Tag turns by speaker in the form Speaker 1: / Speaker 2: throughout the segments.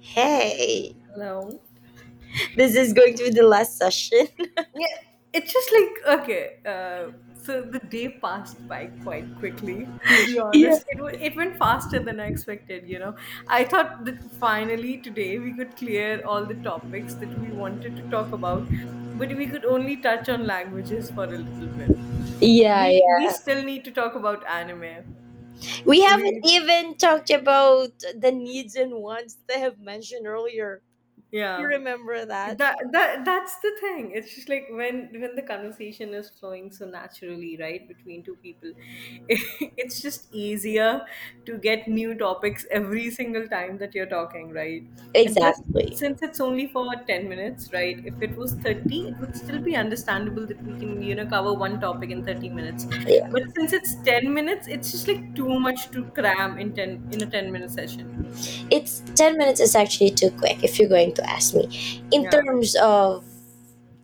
Speaker 1: Hey,
Speaker 2: Hello.
Speaker 1: this is going to be the last session.
Speaker 2: Yeah, it's just like okay. So the day passed by quite quickly. To be
Speaker 1: Yeah.
Speaker 2: honest, it went faster than I expected. You know, I thought that finally today we could clear all the topics that we wanted to talk about, but we could only touch on languages for a little bit.
Speaker 1: Yeah,
Speaker 2: We
Speaker 1: yeah.
Speaker 2: still need to talk about anime.
Speaker 1: We haven't
Speaker 2: We
Speaker 1: even talked about the needs and wants that I have mentioned earlier. You
Speaker 2: Yeah.
Speaker 1: remember that?
Speaker 2: That's the thing. It's just like when the conversation is flowing so naturally, right, between two people, it's just easier to get new topics every single time that you're talking, right? And plus,
Speaker 1: Exactly.
Speaker 2: since it's only for 10 minutes, right? If it was 30, it would still be understandable that we can, you know, cover one topic in 30 minutes. But
Speaker 1: Yeah.
Speaker 2: since it's 10 minutes, it's just like too much to cram in 10 in a 10-minute session.
Speaker 1: It's 10 minutes is actually too quick if you're going to ask me in
Speaker 2: Yeah.
Speaker 1: terms of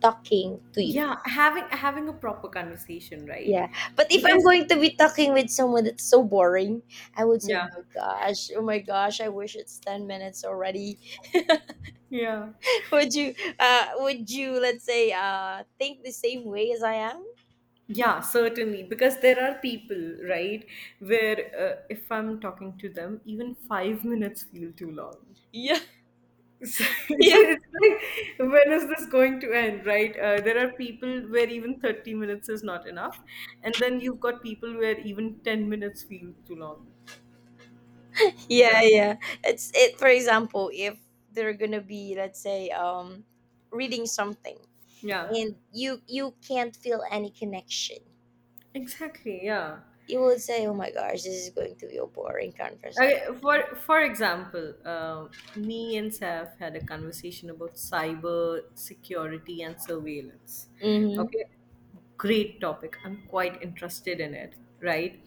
Speaker 1: talking to you.
Speaker 2: Yeah, having a proper conversation, right?
Speaker 1: Yeah. But if I'm
Speaker 2: Because
Speaker 1: going to be talking with someone that's so boring, I would say,
Speaker 2: yeah,
Speaker 1: oh my gosh, I wish it's 10 minutes already.
Speaker 2: yeah.
Speaker 1: would you would you let's say think the same way as I am?
Speaker 2: Yeah, certainly. Because there are people, right, where if I'm talking to them, even 5 minutes feel too long.
Speaker 1: Yeah.
Speaker 2: So,
Speaker 1: Yeah,
Speaker 2: it's like, when is this going to end, right? There are people where even 30 minutes is not enough. And then you've got people where even 10 minutes feel too long.
Speaker 1: yeah,
Speaker 2: Yeah.
Speaker 1: yeah, it's it for example if they're gonna be let's say reading something
Speaker 2: Yeah.
Speaker 1: and you can't feel any connection,
Speaker 2: Exactly. Yeah.
Speaker 1: you would say, oh my gosh, this is going to be a boring conversation.
Speaker 2: Okay, for example, me and Saf had a conversation about cyber security and surveillance.
Speaker 1: Mm-hmm.
Speaker 2: Okay, great topic. I'm quite interested in it, right?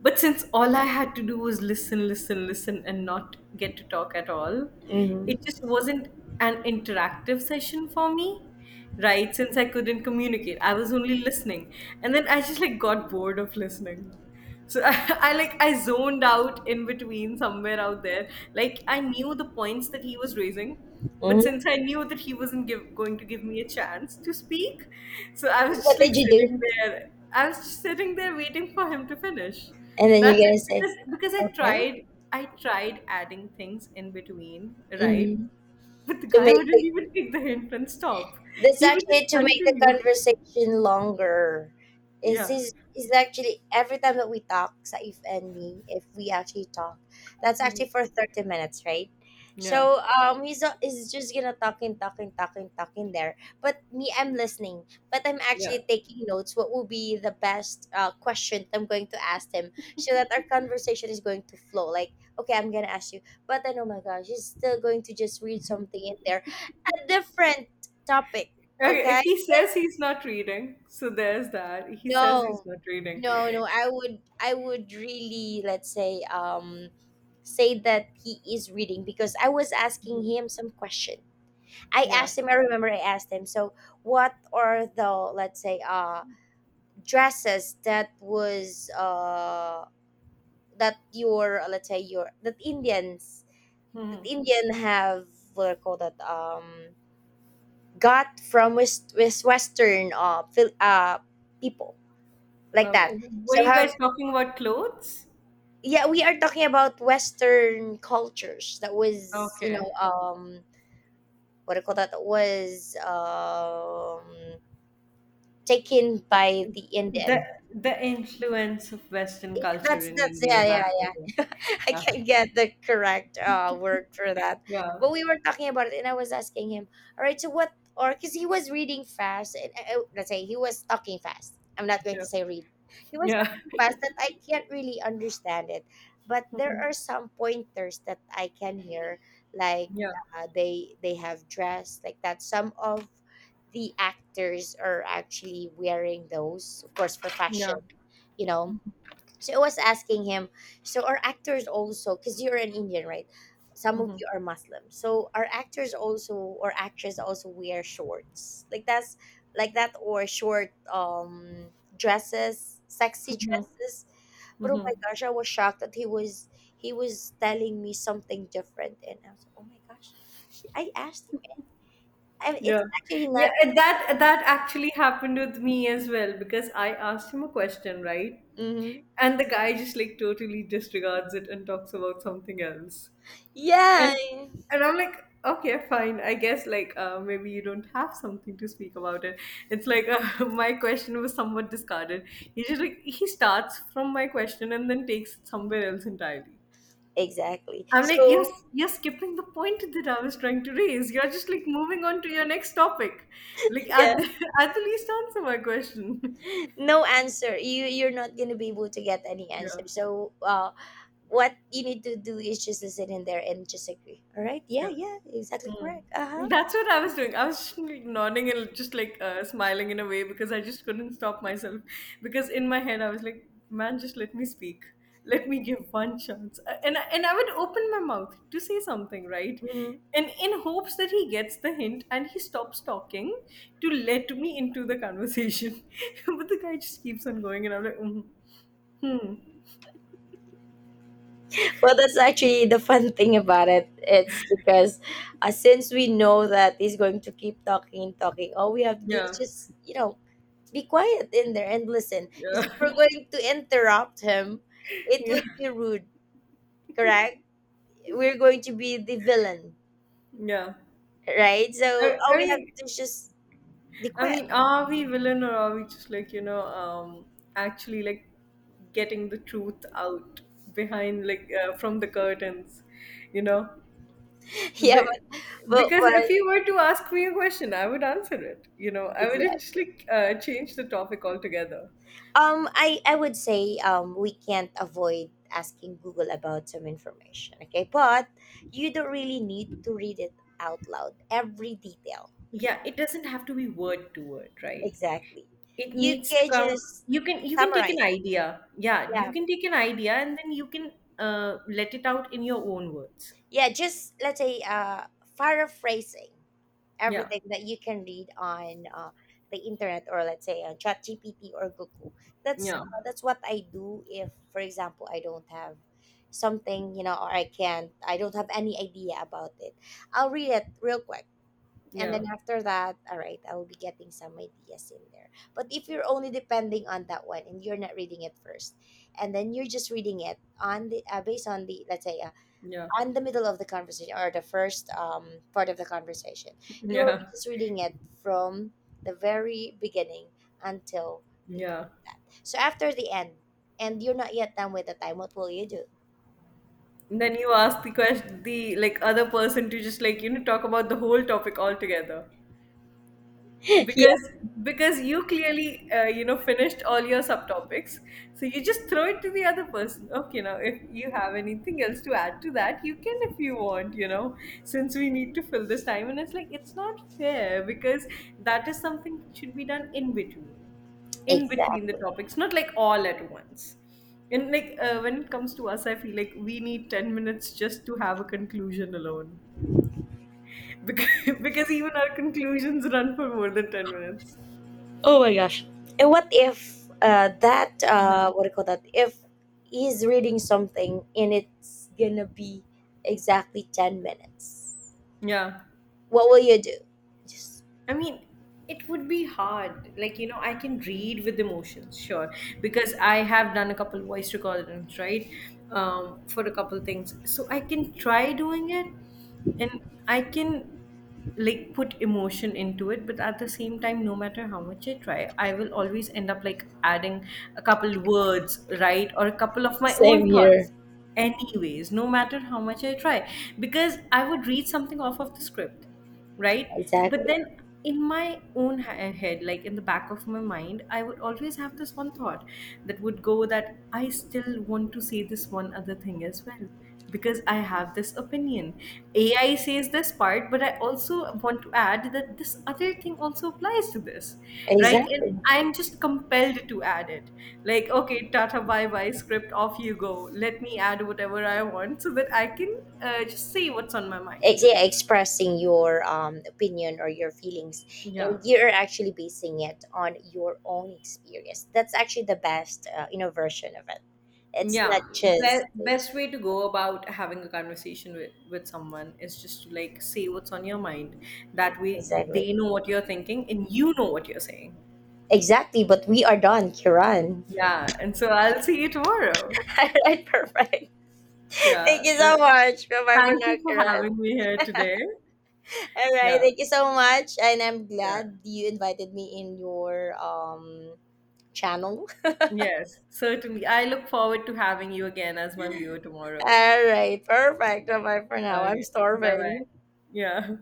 Speaker 2: But since all I had to do was listen, listen, listen, and not get to talk at all,
Speaker 1: Mm-hmm,
Speaker 2: it just wasn't an interactive session for me, right? Since I couldn't communicate, I was only listening. And then I just like got bored of listening. So I like I zoned out in between somewhere out there. Like I knew the points that he was raising, but since
Speaker 1: mm-hmm.
Speaker 2: I knew that he wasn't give, going to give me a chance to speak, so I was just
Speaker 1: What
Speaker 2: like
Speaker 1: did you do
Speaker 2: sitting there. I was just sitting there waiting for him to finish.
Speaker 1: and then you're
Speaker 2: That's it.
Speaker 1: gonna say
Speaker 2: Because
Speaker 1: okay?
Speaker 2: I tried adding things in between, right?
Speaker 1: Mm-hmm.
Speaker 2: But the
Speaker 1: to
Speaker 2: guy
Speaker 1: make
Speaker 2: wouldn't even take the hint and stop.
Speaker 1: That's
Speaker 2: He would just
Speaker 1: actually to make the
Speaker 2: continue.
Speaker 1: conversation longer. This
Speaker 2: Yeah.
Speaker 1: is is actually every time that we talk, Saif and me, if we actually talk, that's
Speaker 2: Mhm.
Speaker 1: actually for 30 minutes, right?
Speaker 2: Yeah.
Speaker 1: So he's just gonna talking, talking, talking, talking there. But me, I'm listening, but I'm
Speaker 2: Yeah.
Speaker 1: actually taking notes. What will be the best question I'm going to ask him, so that our conversation is going to flow. Like, okay, I'm gonna ask you, but then oh my gosh, he's still going to just read something in there, a different topic.
Speaker 2: Okay,
Speaker 1: Okay,
Speaker 2: he says he's not reading, so there's that. He says he's
Speaker 1: no
Speaker 2: not reading.
Speaker 1: no, I would really let's say say that he is reading because I was asking him some question.
Speaker 2: Yeah.
Speaker 1: I remember I asked him, so what are the let's say dresses that was that your let's say your that indians that Indian have, what do you call that? Got from west, western people like that.
Speaker 2: Um, were
Speaker 1: So
Speaker 2: you guys
Speaker 1: have...
Speaker 2: talking about clothes?
Speaker 1: Yeah, we are talking about Western cultures. That was, you
Speaker 2: Okay.
Speaker 1: know, what do you call that? That was taken by the
Speaker 2: The
Speaker 1: Indian.
Speaker 2: the influence of Western
Speaker 1: Yeah,
Speaker 2: culture in
Speaker 1: that's
Speaker 2: India
Speaker 1: yeah
Speaker 2: that
Speaker 1: yeah yeah I
Speaker 2: yeah
Speaker 1: can't get the correct word for that.
Speaker 2: yeah
Speaker 1: But we were talking about it and I was asking him, all right, so what? Or because he was reading fast and let's say he was talking fast, I'm not going
Speaker 2: yeah
Speaker 1: to say read. He was
Speaker 2: yeah
Speaker 1: talking fast that I can't really understand it, but there are some pointers that I can hear, like
Speaker 2: yeah
Speaker 1: they have dress like that. Some of the actors are actually wearing those, of course, for fashion,
Speaker 2: yeah
Speaker 1: you know. So I was asking him, so are actors also, because you're an Indian, right? Some of
Speaker 2: hmm
Speaker 1: you are Muslim. So are actors also or actress also wear shorts? Like that's like that or short dresses, sexy dresses. But oh
Speaker 2: hmm
Speaker 1: my gosh, I was shocked that he was telling me something different and I was like, oh my gosh. I asked him, I,
Speaker 2: yeah
Speaker 1: it's actually
Speaker 2: yeah,
Speaker 1: not...
Speaker 2: and that actually happened with me as well, because I asked him a question, right,
Speaker 1: Hmm.
Speaker 2: and the guy just like totally disregards it and talks about something else.
Speaker 1: Yeah.
Speaker 2: And and i'm like, okay, fine, I guess like maybe you don't have something to speak about it. It's like my question was somewhat discarded. He just like he starts from my question and then takes it somewhere else entirely.
Speaker 1: Exactly.
Speaker 2: I'm like, yes,
Speaker 1: So
Speaker 2: you're skipping the point that I was trying to raise. You're just like moving on to your next topic. Like
Speaker 1: yeah.
Speaker 2: at the, at the least, answer my question.
Speaker 1: No answer. You're not going to be able to get any answer,
Speaker 2: Yeah,
Speaker 1: so what you need to do is just to sit in there and just agree, all right,
Speaker 2: yeah.
Speaker 1: yeah, yeah, exactly,
Speaker 2: Mm.
Speaker 1: correct, uh-huh.
Speaker 2: That's what I was doing. I was just like nodding and just like smiling in a way because I just couldn't stop myself. Because in my head, I was like, man, just let me speak. Let me give one chance. And I would open my mouth to say something, right?
Speaker 1: Mhm.
Speaker 2: And in hopes that he gets the hint and he stops talking to let me into the conversation. But the guy just keeps on going, and I'm like, mm, hmm,
Speaker 1: Well, that's actually the fun thing about it. It's because since we know that he's going to keep talking and talking, all we have to do
Speaker 2: yeah,
Speaker 1: is just, you know, be quiet in there and listen, because
Speaker 2: yeah,
Speaker 1: if we're going to interrupt him, it
Speaker 2: yeah,
Speaker 1: would be rude, correct? We're going to be the villain,
Speaker 2: yeah.
Speaker 1: right? So
Speaker 2: I,
Speaker 1: all
Speaker 2: I
Speaker 1: we have to
Speaker 2: mean,
Speaker 1: do is just the
Speaker 2: I
Speaker 1: quest.
Speaker 2: mean, are we villain or are we just like, you know, actually like getting the truth out behind, like from the curtains, you know?
Speaker 1: Yeah,
Speaker 2: Be-
Speaker 1: but, but
Speaker 2: Because if
Speaker 1: but
Speaker 2: you were to ask me a question, I would answer it, you know? I wouldn't just
Speaker 1: exactly.
Speaker 2: like change the topic altogether.
Speaker 1: I would say we can't avoid asking Google about some information. Okay, but you don't really need to read it out loud every detail.
Speaker 2: Yeah, it doesn't have to be word to word, right?
Speaker 1: Exactly.
Speaker 2: It
Speaker 1: You
Speaker 2: needs to
Speaker 1: can
Speaker 2: come.
Speaker 1: just
Speaker 2: You can take an
Speaker 1: summarize.
Speaker 2: idea. Yeah, you
Speaker 1: Yeah,
Speaker 2: can take an idea and then you can let it out in your own words.
Speaker 1: yeah, just let's say paraphrasing
Speaker 2: Yeah,
Speaker 1: everything that you can read on the internet or let's say on ChatGPT or Google.
Speaker 2: yeah,
Speaker 1: That's what I do if, for example, I don't have something, you know, or I don't have any idea about it. I'll read it real quick. And
Speaker 2: yeah.
Speaker 1: then after that, all right, I will be getting some ideas in there. But if you're only depending on that one and you're not reading it first, and then you're just reading it on the based on the let's say
Speaker 2: Yeah,
Speaker 1: on the middle of the conversation or the first part of the conversation. You will be
Speaker 2: yeah,
Speaker 1: just reading it from the very beginning until the end.
Speaker 2: yeah.
Speaker 1: That. So after the end, and you're not yet done with the time, what will you do?
Speaker 2: And then you ask the question, the like other person to just like, you know, talk about the whole topic altogether.
Speaker 1: Yeah,
Speaker 2: because because you clearly you know finished all your subtopics, so you just throw it to the other person, okay, now if you have anything else to add to that you can, if you want, you know, since we need to fill this time, and it's like it's not fair because that is something that should be done in between, in between the
Speaker 1: exactly.
Speaker 2: topics, not like all at once. And like when it comes to us, I feel like we need 10 minutes just to have a conclusion alone, because, because even our conclusions run for more than 10 minutes.
Speaker 1: Oh my gosh. And what if
Speaker 2: Yeah.
Speaker 1: what do you call that? If he's reading something and it's gonna be exactly 10 minutes,
Speaker 2: Yeah.
Speaker 1: what will you do? Just...
Speaker 2: I mean, it would be hard. Like, you know, I can read with emotions, sure, because I have done a couple voice recordings, right? For a couple things. So I can try doing it and I can like put emotion into it, but at the same time, no matter how much I try, I will always end up like adding a couple words, right? Or a couple of my own
Speaker 1: Same
Speaker 2: thoughts.
Speaker 1: here.
Speaker 2: Anyways, no matter how much I try, because I would read something off of the script, right, but
Speaker 1: Exactly.
Speaker 2: then in my own head, like in the back of my mind, I would always have this one thought that would go that I still want to say this one other thing as well, because I have this opinion. AI says this part, but I also want to add that this other thing also applies to this, right? And
Speaker 1: Exactly.
Speaker 2: I'm just compelled to add it. Like, okay, Tata, bye bye, script, off you go. Let me add whatever I want so that I can just say what's on my mind.
Speaker 1: Yeah, expressing your opinion or your feelings
Speaker 2: Yeah.
Speaker 1: and you're actually basing it on your own experience, that's actually the best you know, version of it. It's
Speaker 2: Yeah.
Speaker 1: not
Speaker 2: Be-
Speaker 1: just...
Speaker 2: best way to go about having a conversation with someone is just to like say what's on your mind. That way
Speaker 1: Exactly.
Speaker 2: they know what you're thinking and you know what you're saying.
Speaker 1: Exactly. But we are done, Kiran.
Speaker 2: Yeah, and so I'll see you tomorrow.
Speaker 1: All right, perfect. Thank
Speaker 2: Yeah.
Speaker 1: you so much. Bye bye for
Speaker 2: Thank
Speaker 1: now,
Speaker 2: you for
Speaker 1: Kiran.
Speaker 2: having me here today.
Speaker 1: All right,
Speaker 2: Yeah,
Speaker 1: thank you so much and I'm
Speaker 2: yeah.
Speaker 1: glad you invited me in your channel.
Speaker 2: Yes, certainly. I look forward to having you again as my viewer tomorrow.
Speaker 1: All right, perfect. Bye bye for now. I'm
Speaker 2: Okay. Bye bye.
Speaker 1: starving.
Speaker 2: Yeah.